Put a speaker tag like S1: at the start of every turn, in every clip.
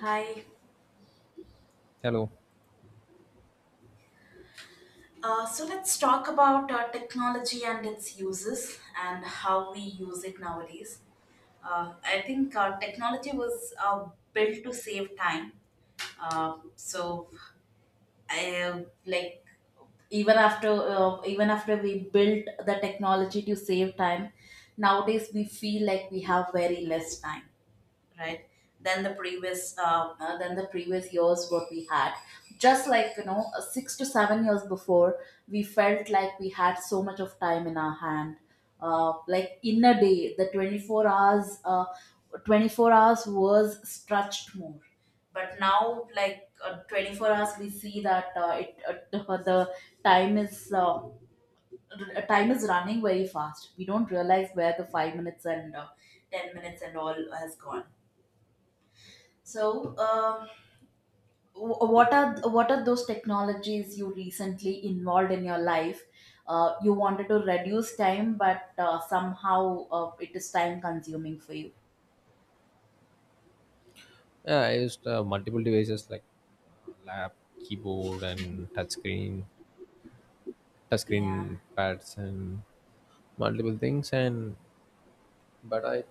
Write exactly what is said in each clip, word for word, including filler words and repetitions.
S1: Hi.
S2: Hello.
S1: Uh, so let's talk about uh, technology and its uses and how we use it nowadays. Uh, I think uh, technology was uh, built to save time. Uh, so I like even after uh, Even after we built the technology to save time, nowadays we feel like we have very less time, right, than the previous uh, uh, than the previous years what we had. Just like you know uh, six to seven years before we felt like we had so much of time in our hand. Uh, like in a day the twenty-four hours uh, twenty-four hours was stretched more, but now, like, uh, twenty-four hours, we see that uh, it uh, the time is uh, r- time is running very fast. We don't realize where the five minutes and uh, ten minutes and all has gone. So, uh, wh- what are what are those technologies you recently involved in your life? Uh, you wanted to reduce time, but uh, somehow uh, it is time consuming for you.
S2: Yeah, I used uh, multiple devices like lap, keyboard, and touchscreen,
S1: Yeah,
S2: touchscreen pads, and multiple things. And but I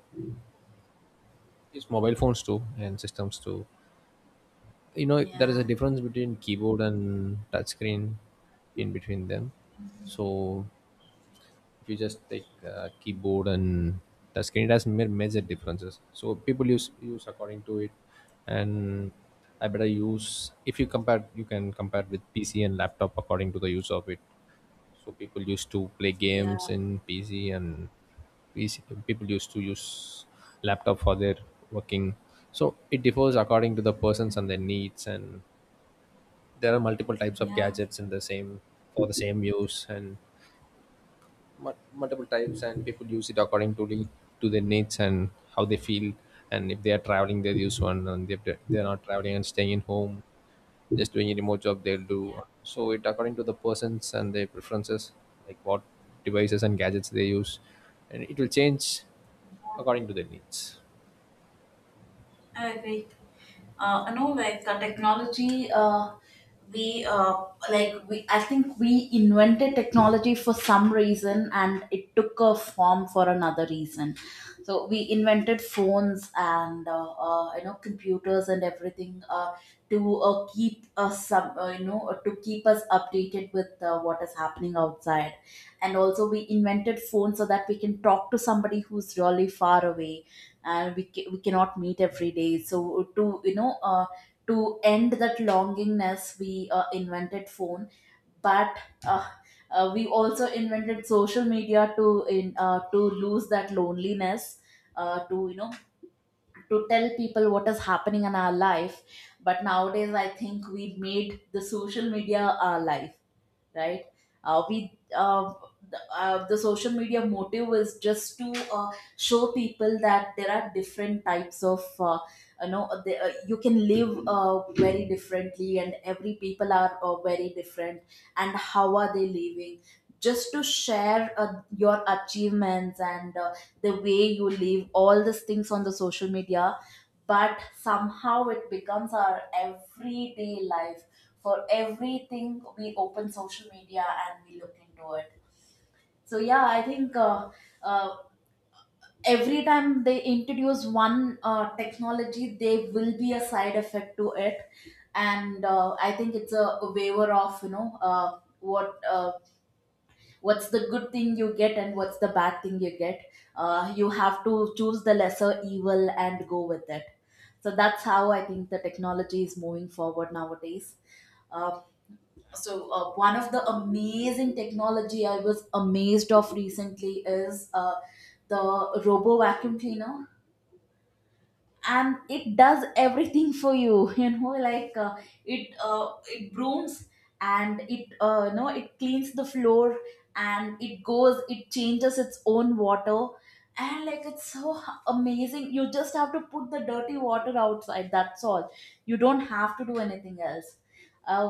S2: use mobile phones too and systems too. You know, there is a
S1: yeah,
S2: difference between keyboard and touchscreen in between them. So if you just take uh, keyboard and touchscreen, it has ma- major differences. So people use use according to it, and I better use if you compare you can compare with P C and laptop according to the use of it. So people used to play
S1: yeah,
S2: games in P C and P C, people used to use laptop for their working. So it differs according to the persons and their needs, and there are multiple types of
S1: yeah,
S2: gadgets in the same for the same use and mul- multiple types and people use it according to the to their needs and how they feel, and if they are traveling they'll use one and if they- they're not traveling and staying in home just doing a remote job they'll do
S1: yeah.
S2: one. So it according to the persons and their preferences, like what devices and gadgets they use and it will change according to their needs.
S1: I agree. Uh, I know, like, the technology, uh, we uh, like we. I think we invented technology for some reason, and it took a form for another reason. So we invented phones and uh, uh, you know, computers and everything, uh, to uh, keep us some, uh, you know, to keep us updated with uh, what is happening outside, and also we invented phones so that we can talk to somebody who's really far away and we, ca- we cannot meet every day, so to, you know, uh, to end that longingness we uh, invented phone. But uh, uh, we also invented social media to in uh, to lose that loneliness, uh, to, you know, to tell people what is happening in our life. But nowadays I think we made the social media our life, right? Uh, we uh, the, uh, the social media motive is just to, uh, show people that there are different types of, uh, you know the, uh, you can live uh, very differently and every people are uh, very different and how are they living, just to share uh, your achievements and uh, the way you live, all these things on the social media. But somehow it becomes our everyday life. For everything we open social media and we look into it. So yeah, I think uh, uh, every time they introduce one uh, technology there will be a side effect to it. And uh, I think it's a waiver of, you know, uh, what uh, what's the good thing you get and what's the bad thing you get. Uh, you have to choose the lesser evil and go with it. So that's how I think the technology is moving forward nowadays. uh, so uh, One of the amazing technology I was amazed of recently is uh, the robo vacuum cleaner, and it does everything for you. You know, like, uh, it uh, it brooms and it uh, no, it cleans the floor, and it goes, it changes its own water, and like, it's so h- amazing. You just have to put the dirty water outside. That's all. You don't have to do anything else. Uh,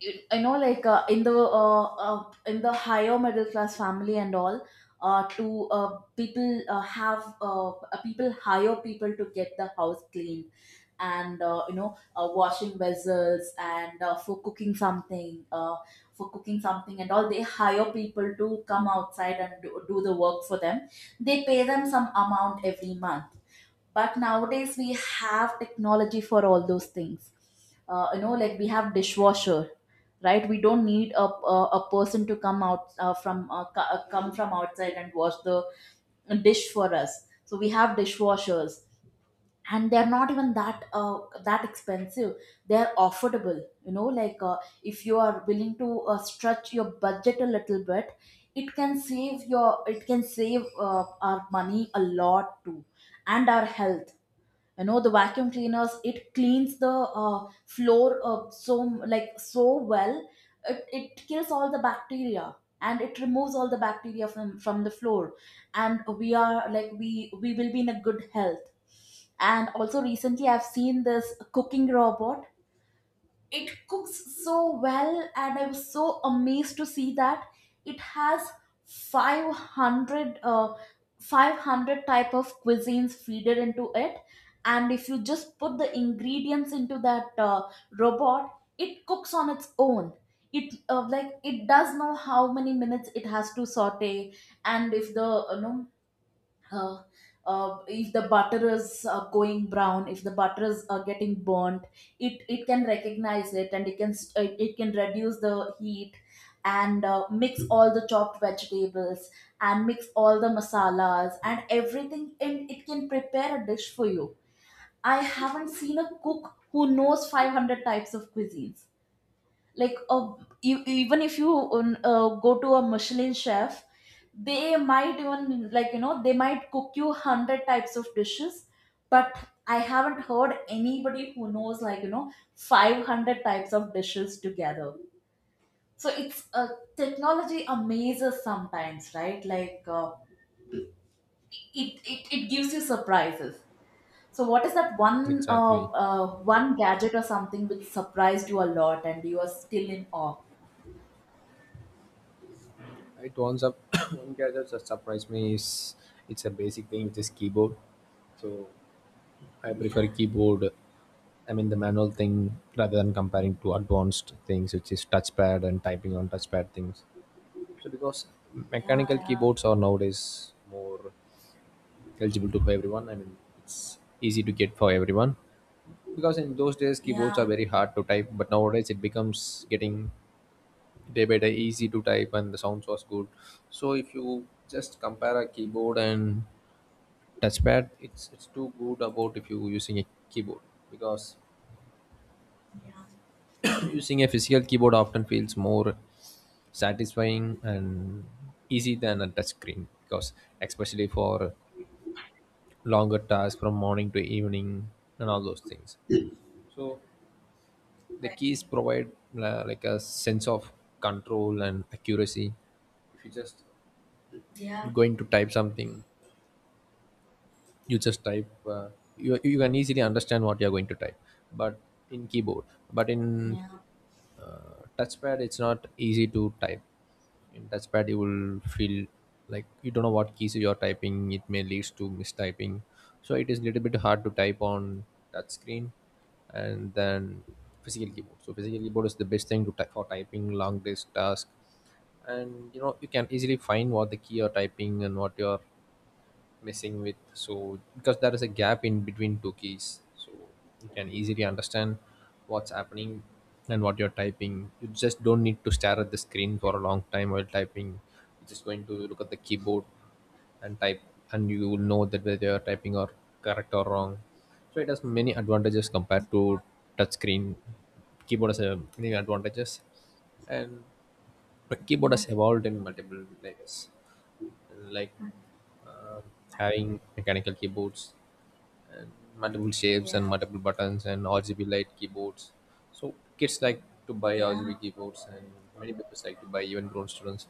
S1: you, I know, like, uh, in the uh, uh, in the higher middle class family and all, uh, to uh, people uh, have uh, uh, people hire people to get the house cleaned, and uh, you know, uh, washing vessels and, uh, for cooking something uh, for cooking something and all, they hire people to come outside and do, do the work for them. They pay them some amount every month. But nowadays we have technology for all those things. Uh, you know, like, we have dishwasher, right? We don't need a, a, a person to come out uh, from uh, co- uh, come from outside and wash the dish for us, so we have dishwashers. And they're not even that uh, that expensive. They're affordable, you know, like, uh, if you are willing to uh, stretch your budget a little bit it can save your it can save uh, our money a lot too, and our health. You know, the vacuum cleaners, it cleans the uh, floor uh, so, like, so well. It, it kills all the bacteria and it removes all the bacteria from from the floor, and we are like, we we will be in a good health. And also recently I've seen this cooking robot. It cooks so well and I was so amazed to see that. It has five hundred uh, five hundred type of cuisines feeded into it, and if you just put the ingredients into that uh, robot, it cooks on its own. It uh, Like, it does know how many minutes it has to saute, and if the you know uh, uh, if the butter is uh, going brown, if the butter is uh, getting burnt, it it can recognize it and it can st- uh, it can reduce the heat, and uh, mix all the chopped vegetables, and mix all the masalas and everything, and it can prepare a dish for you. I haven't seen a cook who knows five hundred types of cuisines. like uh, you, Even if you um, uh, go to a Michelin chef, they might even, like, you know, they might cook you one hundred types of dishes. But I haven't heard anybody who knows, like, you know, five hundred types of dishes together. So it's uh, technology amazes sometimes, right? Like, uh, it, it it gives you surprises. So what is that one uh,
S2: Exactly.
S1: uh, one gadget or something which surprised you a lot and you are still in awe?
S2: It wants up one gadget that surprised me is it's a basic thing which is keyboard. So I prefer
S1: Yeah.
S2: keyboard. I mean the manual thing rather than comparing to advanced things, which is touchpad and typing on touchpad things. So because
S1: Yeah,
S2: mechanical
S1: yeah,
S2: keyboards are nowadays more eligible to for everyone. I mean it's easy to get for everyone. Because in those days keyboards are
S1: yeah,
S2: very hard to type, but nowadays it becomes getting day by day easy to type and the sounds was good. So if you just compare a keyboard and touchpad, it's it's too good about if you using a keyboard because
S1: yeah,
S2: using a physical keyboard often feels more satisfying and easy than a touch screen, because especially for longer tasks from morning to evening and all those things. So
S1: I
S2: the keys
S1: agree.
S2: provide uh, like a sense of control and accuracy. If you just
S1: Yeah,
S2: going to type something, you just type. Uh, you you can easily understand what you are going to type, but in keyboard. But in
S1: yeah,
S2: uh, touchpad it's not easy to type, in touchpad you will feel like you don't know what keys you are typing, it may leads to mistyping, so it is a little bit hard to type on touch screen, and then physical keyboard. So physical keyboard is the best thing to type for typing long disk task, and you know you can easily find what the key you're typing and what you're messing with, so because there is a gap in between two keys, so you can easily understand what's happening and what you're typing. You just don't need to stare at the screen for a long time while typing, you're just going to look at the keyboard and type, and you will know that whether you're typing or correct or wrong. So it has many advantages compared to touchscreen. Keyboard has uh, many advantages, and but keyboard has evolved in multiple layers, like um, having mechanical keyboards and multiple shapes and
S1: yeah,
S2: multiple buttons and R G B light keyboards. So kids like to buy
S1: yeah,
S2: R G B
S1: yeah,
S2: keyboards, and many people like to buy, even grown students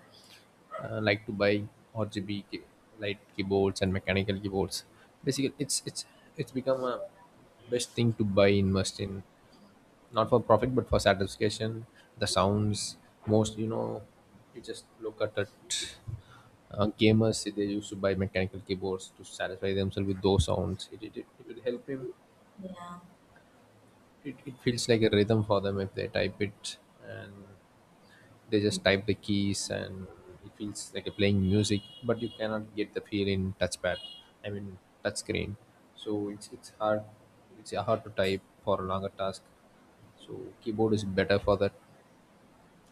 S2: uh, like to buy R G B key- light keyboards and mechanical keyboards. Basically, it's it's it's become a best thing to buy invest in, not for profit but for satisfaction, the sounds, most you know, you just look at it. Uh, gamers they used to buy mechanical keyboards to satisfy themselves with those sounds. It, it, it, it will help him,
S1: yeah,
S2: it, it feels like a rhythm for them if they type it, and they just type the keys and it feels like you're playing music, but you cannot get the feel in touchpad, I mean touch screen. So it's it's hard, it's yeah, hard to type for a longer task. So keyboard is better for that,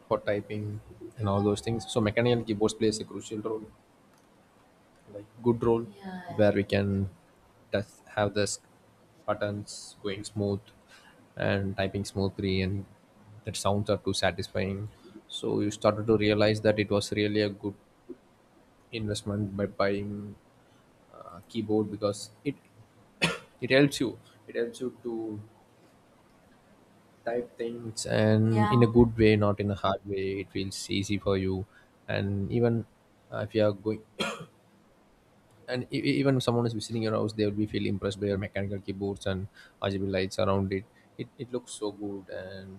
S2: for typing and all those things. So mechanical keyboards plays a crucial role, like good roll,
S1: yeah,
S2: where we can just have this buttons going smooth and typing smoothly, and that sounds are too satisfying. So you started to realize that it was really a good investment by buying a keyboard, because it it helps you, it helps you to type things and
S1: yeah,
S2: in a good way, not in a hard way, it feels easy for you. And even uh, if you are going, and e- e- even if someone is visiting your house they will be feel impressed by your mechanical keyboards and RGB lights around it. It, it looks so good, and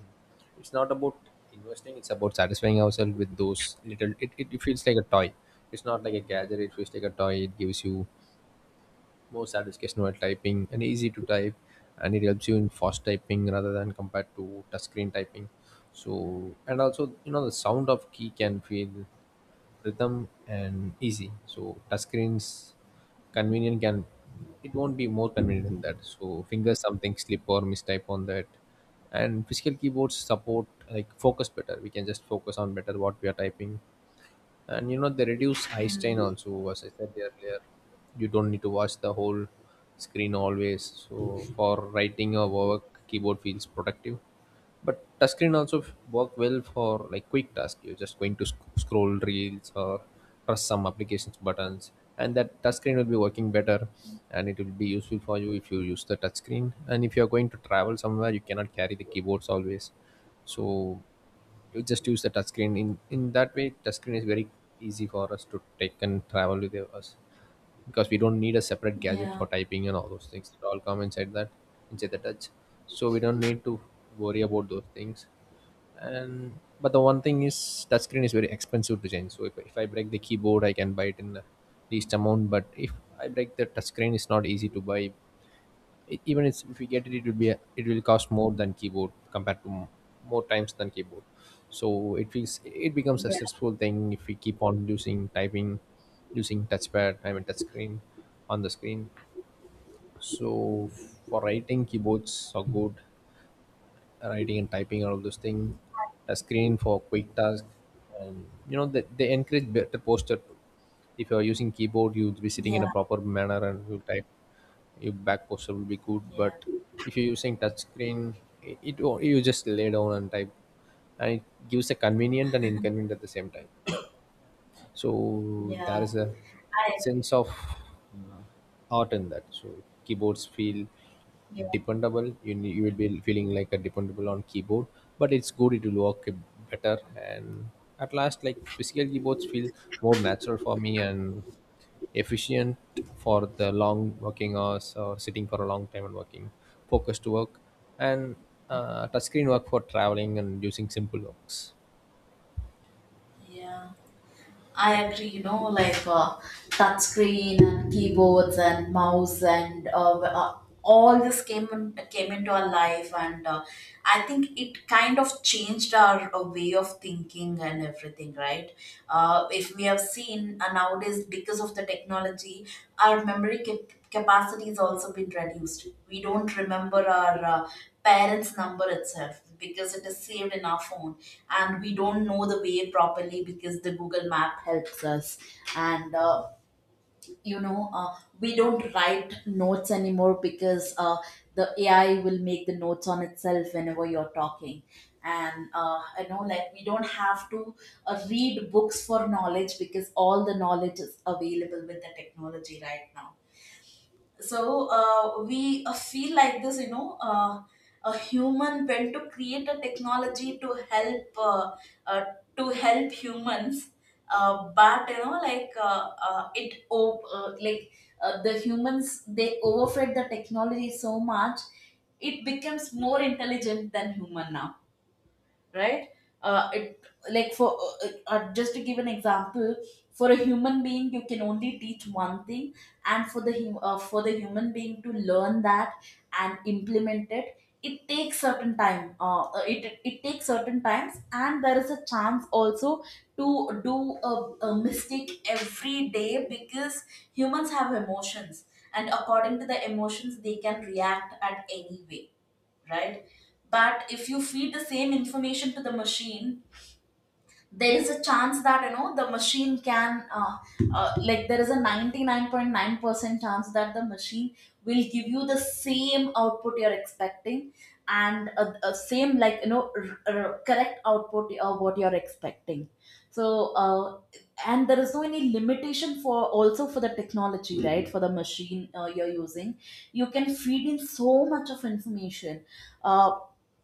S2: it's not about investing, it's about satisfying ourselves with those little, it, it, it feels like a toy, it's not like a gadget, it feels like a toy, it gives you more satisfaction while typing and easy to type, and it helps you in fast typing rather than compared to touchscreen typing. So, and also you know the sound of key can feel rhythm and easy. So touchscreens convenient can, it won't be more convenient than that, so fingers something slip or mistype on that. And physical keyboards support like focus better, we can just focus on better what we are typing, and you know they reduce eye strain also, as I said earlier, you don't need to watch the whole screen always. So for writing or work keyboard feels productive, but touchscreen also f- work well for like quick task. You're just going to sc- scroll reels or press some applications buttons, and that touchscreen will be working better, and it will be useful for you if you use the touchscreen. And if you're going to travel somewhere, you cannot carry the keyboards always, so you just use the touchscreen. In in that way, touchscreen is very easy for us to take and travel with us, because we don't need a separate gadget for typing and all those things. It all come inside that, inside the touch, so we don't need to worry about those things. And but the one thing is touchscreen is very expensive to change. So if, if I break the keyboard I can buy it in the least amount, but if I break the touchscreen it's not easy to buy. E- even it's, if we get it it will be a, it will cost more than keyboard compared to m- more times than keyboard. So it feels it becomes a stressful thing if we keep on using typing, using touchpad I mean touchscreen, on the screen. So for writing keyboards are good, writing and typing and all those things, a screen for quick task, and you know they, they encourage better posture. Too. If you are using keyboard, you would be sitting
S1: yeah,
S2: in a
S1: yeah,
S2: proper manner and you type. Your back posture will be good,
S1: yeah,
S2: but if you're using touch screen, it, it you just lay down and type, and it gives a convenient and inconvenient at the same time. So there
S1: yeah,
S2: is a
S1: I agree.
S2: sense of uh, art in that. So keyboards feel
S1: Yeah,
S2: dependable, you ne- you will be feeling like a dependable on keyboard, but it's good, it will work better. And at last, like physical keyboards feel more natural for me and efficient for the long working hours or sitting for a long time and working focused work. And uh, touchscreen work for traveling and using simple works.
S1: yeah. I agree, you know, like, uh, touch screen and keyboards and mouse and uh, uh, all this came in, came into our life, and uh, I think it kind of changed our uh, way of thinking and everything, right? Uh, if we have seen, uh, nowadays, because of the technology, our memory cap- capacity has also been reduced. We don't remember our uh, parents' number itself because it is saved in our phone, and we don't know the way properly because the Google map helps us. And uh, you know, uh, we don't write notes anymore because uh, the AI will make the notes on itself whenever you're talking. And uh, I know, like, we don't have to uh, read books for knowledge because all the knowledge is available with the technology right now. So uh, we uh, feel like this, you know, uh, a human went to create a technology to help, uh, uh, to help humans. Uh, but you know, like, uh, uh, it op- uh, like, uh, the humans, they overfed the technology so much, it becomes more intelligent than human now, right? uh, it like for uh, uh, Just to give an example, for a human being you can only teach one thing, and for the hum- uh, for the human being to learn that and implement it, it takes certain time. Uh, uh, it it takes certain times, and there is a chance also to do a, a mistake every day, because humans have emotions, and according to the emotions they can react at any way, right? But if you feed the same information to the machine, there is a chance that, you know, the machine can, uh, uh, like, there is a ninety-nine point nine percent chance that the machine will give you the same output you're expecting. And uh, uh, same, like, you know, r- r- correct output of what you're expecting. So uh, and there is no any limitation for also for the technology, right, for the machine uh, you're using. You can feed in so much of information. uh,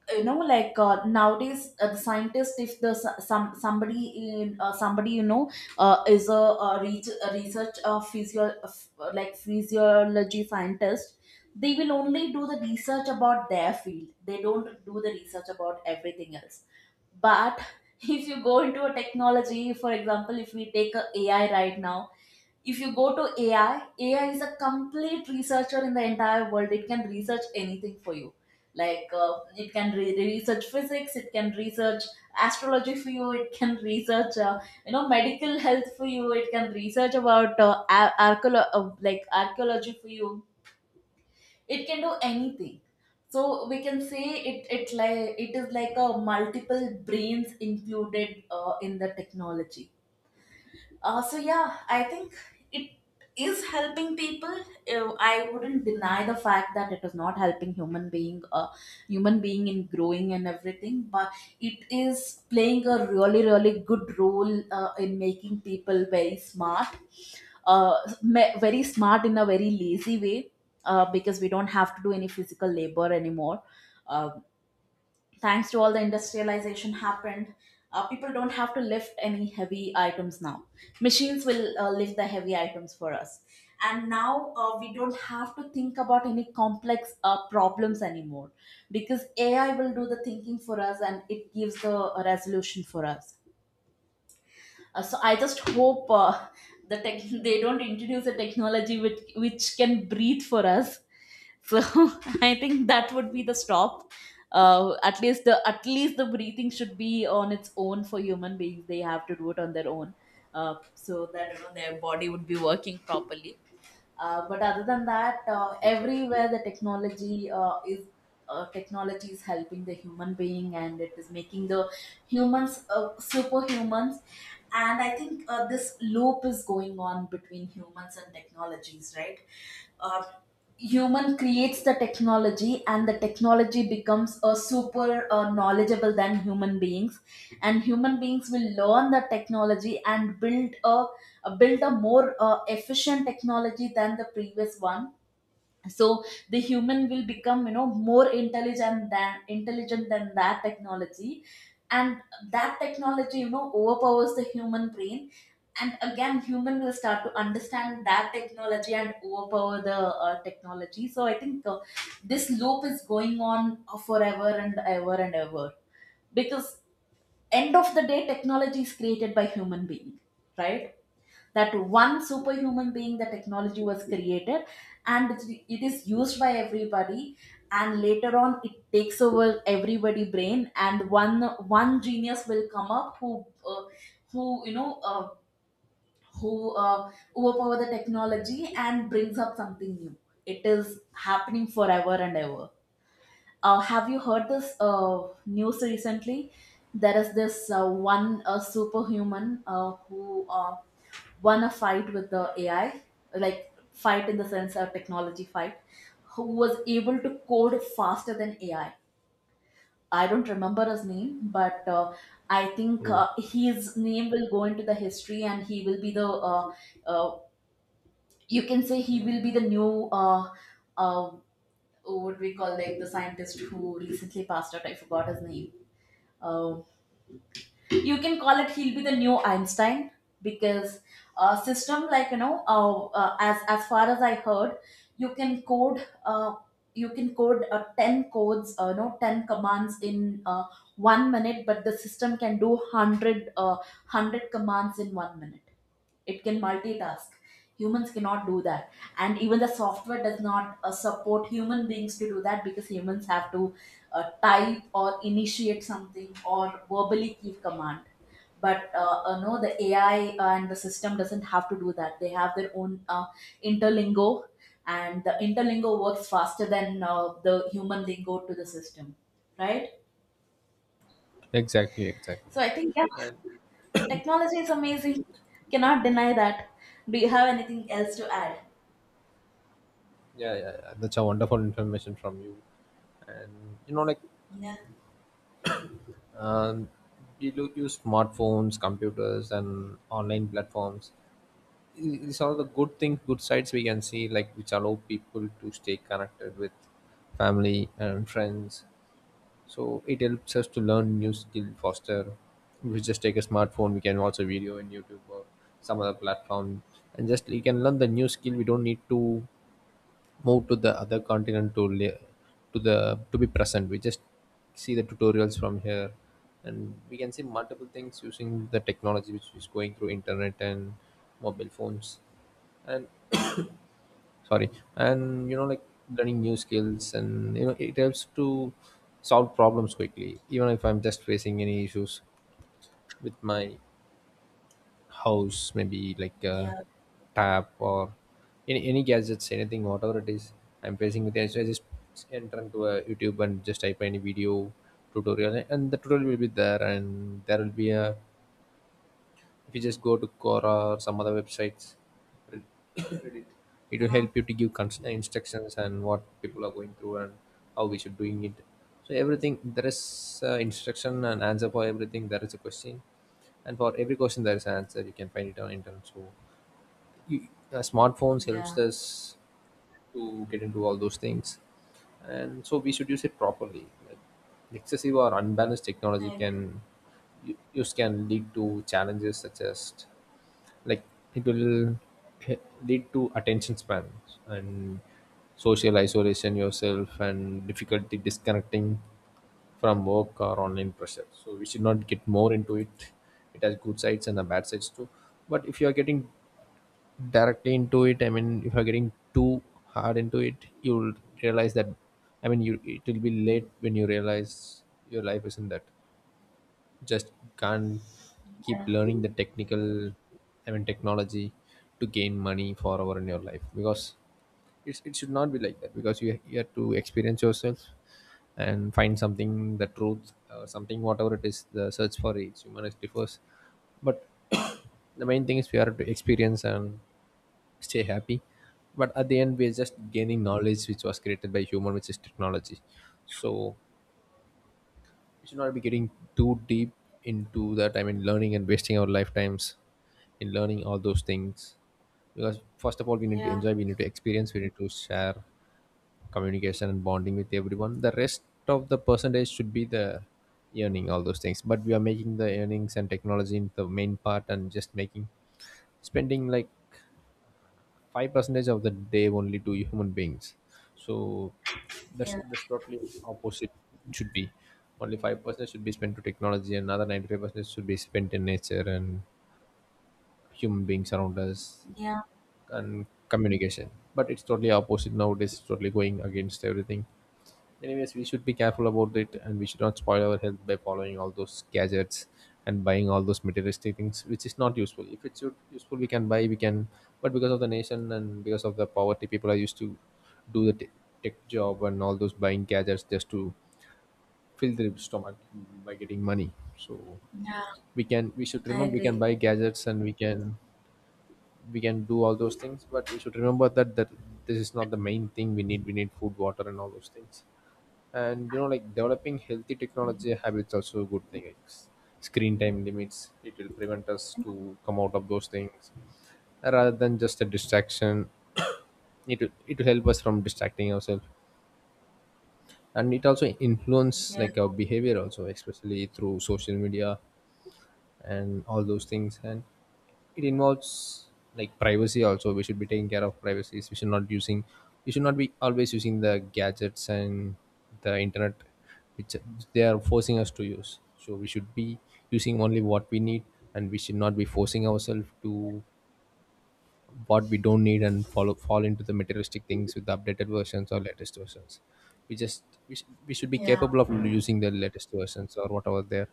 S1: you know, like, uh, nowadays uh, the scientist, if the s- some somebody in uh, somebody, you know, uh, is a, a, re- a research uh, physio- f- uh, like, physiology scientist, they will only do the research about their field, they don't do the research about everything else. But if you go into a technology, for example, if we take a AI right now, if you go to A I, A I is a complete researcher in the entire world. It can research anything for you. Like, uh, it can re- research physics, it can research astrology for you, it can research uh, you know, medical health for you, it can research about, uh, ar- archeolo- uh, like, archaeology for you. It can do anything. So we can say it it like, it is like a multiple brains included uh, in the technology. Uh, so yeah, I think it is helping people. Uh, I wouldn't deny the fact that it is not helping human being, uh, human being in growing and everything. But it is playing a really, really good role uh, in making people very smart, uh, me- very smart in a very lazy way, uh, because we don't have to do any physical labor anymore. Uh, Thanks to all the industrialization happened, uh, people don't have to lift any heavy items now. Machines will uh, lift the heavy items for us. And now, uh, we don't have to think about any complex uh, problems anymore, because AI will do the thinking for us and it gives the resolution for us. Uh, so I just hope uh, the tech- they don't introduce a technology which which can breathe for us. So I think that would be the stop. Uh, at least the, at least the breathing should be on its own for human beings. They have to do it on their own, uh, so that you know, their body would be working properly. Uh, but other than that, uh,
S2: Exactly.
S1: everywhere the technology uh, is uh, technology is helping the human being, and it is making the humans uh, superhumans. And I think uh, this loop is going on between humans and technologies, right? Uh, Human creates the technology, and the technology becomes a super uh, knowledgeable than human beings, and human beings will learn the technology and build a build a more uh, efficient technology than the previous one. So the human will become, you know more intelligent than intelligent than that technology, and that technology, you know, overpowers the human brain. And again human will start to understand that technology and overpower the uh, technology. So I think uh, this loop is going on forever and ever and ever, because end of the day technology is created by human being, right? That one superhuman being the technology was created, and it's- it is used by everybody, and later on it takes over everybody brain, and one, one genius will come up who uh, who you know uh, who uh, overpower the technology and brings up something new. It is happening forever and ever. Uh, have you heard this uh, news recently? There is this uh, one uh, superhuman uh, who uh, won a fight with the A I, like fight in the sense of technology fight, who was able to code faster than A I. I I don't remember his name, but uh, I think
S2: Mm.
S1: uh, his name will go into the history, and he will be the uh, uh, you can say he will be the new, uh, uh, what we call, like, the scientist who recently passed out. I forgot his name. Um you can call it, he'll be the new Einstein. Because uh, system, like, you know, uh, uh, as as far as I heard, you can code uh, you can code uh, ten codes, uh, you know, ten commands in uh, one minute, but the system can do one hundred, uh, one hundred commands in one minute. It can multitask. Humans cannot do that. And even the software does not uh, support human beings to do that, because humans have to uh, type or initiate something or verbally give command. But uh, uh, no, the AI and the system doesn't have to do that. They have their own uh, interlingo, and the interlingo works faster than uh, the human lingo to the system, right?
S2: Exactly, exactly.
S1: So I think, yeah, technology is amazing. Cannot deny that. Do you have anything else to add?
S2: Yeah, yeah, yeah. That's a wonderful information from you. And you know, like
S1: Yeah,
S2: um, we do use smartphones, computers, and online platforms. Th- These are the good things, good sides we can see, like which allow people to stay connected with family and friends. So it helps us to learn new skill faster. We just take a smartphone, we can watch a video in YouTube or some other platform, and just we can learn the new skill. We don't need to move to the other continent to li- to the to be present, we just see the tutorials from here, and we can see multiple things using the technology which is going through internet and mobile phones. And sorry, and you know like learning new skills, and you know it helps to solve problems quickly, even if I'm just facing any issues with my house, maybe like a
S1: yeah,
S2: tap or any, any gadgets, anything whatever it is I'm facing with it. So I just enter into a YouTube and just type any video tutorial, and the tutorial will be there, and there will be a, if you just go to Quora or some other websites, Red- Reddit, it will
S1: yeah,
S2: help you to give cons- instructions and what people are going through and how we should doing it. So everything there is uh, instruction and answer for everything. There is a question, and for every question there is an answer. You can find it on internet. So y- uh, smartphones helps
S1: yeah.
S2: us to get into all those things, and so we should use it properly, like excessive or unbalanced technology
S1: I agree.
S2: can u- use can lead to challenges such as, like, it will h- lead to attention span and social isolation yourself and difficulty disconnecting from work or online pressure. So we should not get more into it. It has good sides and the bad sides too, but if you are getting directly into it, I mean, if you're getting too hard into it, you'll realize that, I mean, you it will be late when you realize your life isn't that just can't keep learning the technical, I mean, technology to gain money forever in your life, because it's, it should not be like that, because you, you have to experience yourself and find something the truth, uh, something, whatever it is, the search for each human is differs. But the main thing is we have to experience and stay happy. But at the end we're just gaining knowledge which was created by human, which is technology. So we should not be getting too deep into that, I mean, learning and wasting our lifetimes in learning all those things, because first of all we need to
S1: Yeah,
S2: enjoy, we need to experience, we need to share communication and bonding with everyone. The rest of the percentage should be the earning all those things, but we are making the earnings and technology in the main part and just making spending like five percentage of the day only to human beings. So that's
S1: yeah,
S2: that's totally opposite. Should be only five percent should be spent to technology and another ninety-five percent should be spent in nature and human beings around us
S1: yeah,
S2: and communication. But it's totally opposite nowadays, it's totally going against everything. Anyways, we should be careful about it, and we should not spoil our health by following all those gadgets and buying all those materialistic things, which is not useful. If it's u- useful, we can buy, we can, but because of the nation and because of the poverty, people are used to do the t- tech job and all those buying gadgets just to fill their stomach by getting money. So
S1: yeah.
S2: we can, we should
S1: I
S2: remember, we can
S1: agree.
S2: buy gadgets, and we can we can do all those things, but we should remember that that this is not the main thing we need. We need food, water, and all those things. And you know, like, developing healthy technology habits also a good thing, like s- screen time limits, it will prevent us to come out of those things rather than just a distraction. It will, it will help us from distracting ourselves. And it also influence
S1: Yeah,
S2: like our behavior also, especially through social media and all those things. And it involves like privacy also. We should be taking care of privacy. We should not using we should not be always using the gadgets and the internet, which they are forcing us to use. So we should be using only what we need, and we should not be forcing ourselves to what we don't need and follow fall into the materialistic things with the updated versions or latest versions. We just we, sh- We should be
S1: yeah,
S2: capable of using the latest versions or whatever they're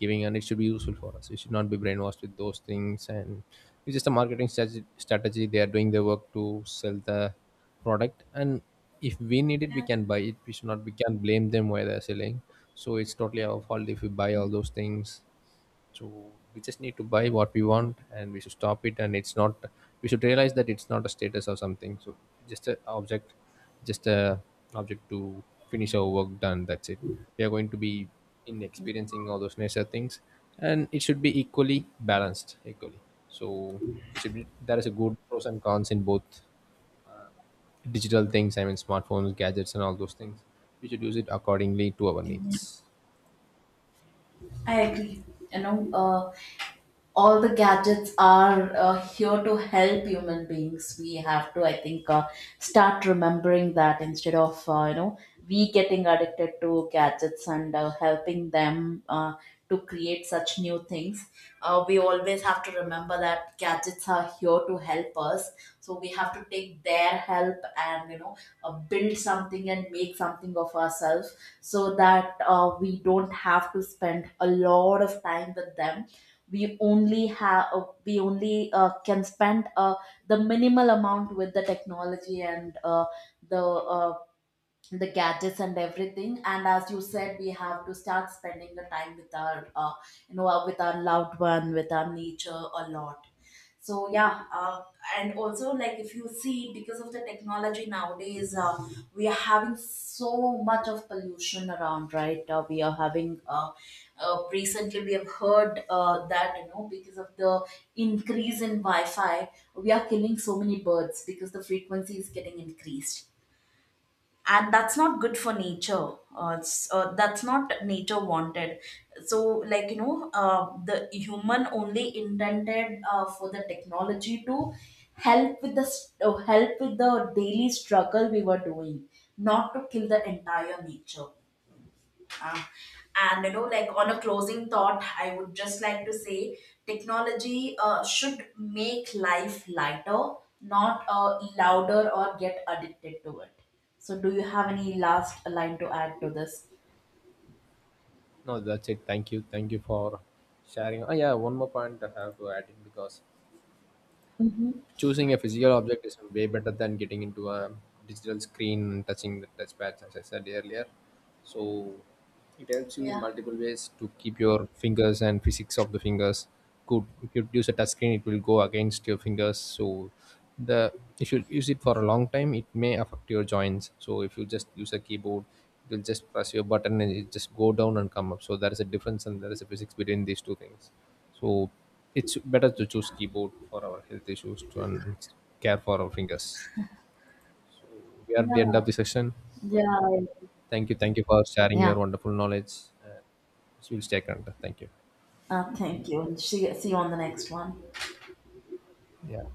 S2: giving, and it should be useful for us. We should not be brainwashed with those things. And it's just a marketing strategy, strategy they are doing their work to sell the product. And if we need it, we
S1: yeah.
S2: can buy it. We should not, we can not blame them why they're selling. So it's totally our fault if we buy all those things. So we just need to buy what we want, and we should stop it. And it's not. We should realize that it's not a status or something. So just a object, just a object, to finish our work done. That's it. We are going to be in experiencing all those nature things, and it should be equally balanced. Equally. So we should. Be, there is a good pros and cons in both digital things. I mean, smartphones, gadgets, and all those things. We should use it accordingly to our needs.
S1: I agree. You know, uh, all the gadgets are uh, here to help human beings. We have to, I think, uh, start remembering that, instead of, uh, you know we getting addicted to gadgets and uh, helping them uh, to create such new things, uh, we always have to remember that gadgets are here to help us. So we have to take their help, and, you know, uh, build something and make something of ourselves, so that uh, we don't have to spend a lot of time with them. We only have, uh, we only uh, can spend uh, the minimal amount with the technology and uh, the uh, the gadgets and everything. And as you said, we have to start spending the time with our, uh, you know uh, with our loved one, with our nature, a lot. So yeah. Uh, and also, like, if you see, because of the technology nowadays, uh, we are having so much of pollution around, right? uh, we are having uh, uh, Recently we have heard, uh, that, you know, because of the increase in wi-fi, we are killing so many birds because the frequency is getting increased, and that's not good for nature. Uh, it's, uh, that's not nature wanted. So, like, you know, uh, the human only intended, uh, for the technology to help with the s- uh, help with the daily struggle we were doing, not to kill the entire nature. uh, and, you know, like, on a closing thought, I would just like to say technology uh, should make life lighter, not uh, louder, or get addicted to it. So, do you have any last line to add to this?
S2: No, that's it. Thank you. Thank you for sharing. Oh, yeah, one more point I have to add in, because
S1: Mm-hmm.
S2: choosing a physical object is way better than getting into a digital screen and touching the touchpad, as I said earlier. So it helps you in
S1: Yeah.
S2: multiple ways to keep your fingers and physics of the fingers good. If you use a touch screen, it will go against your fingers. So the, if you use it for a long time, it may affect your joints. So if you just use a keyboard, it will just press your button and it just go down and come up. So there is a difference and there is a physics between these two things. So it's better to choose keyboard for our health issues to and care for our fingers. We are at the end
S1: Yeah.
S2: of the session.
S1: Yeah. I-
S2: Thank you. Thank you for sharing your wonderful knowledge. Uh, so we'll stay connected. Thank you.
S1: uh, Thank you, and see, see you on the next one.
S2: Yeah.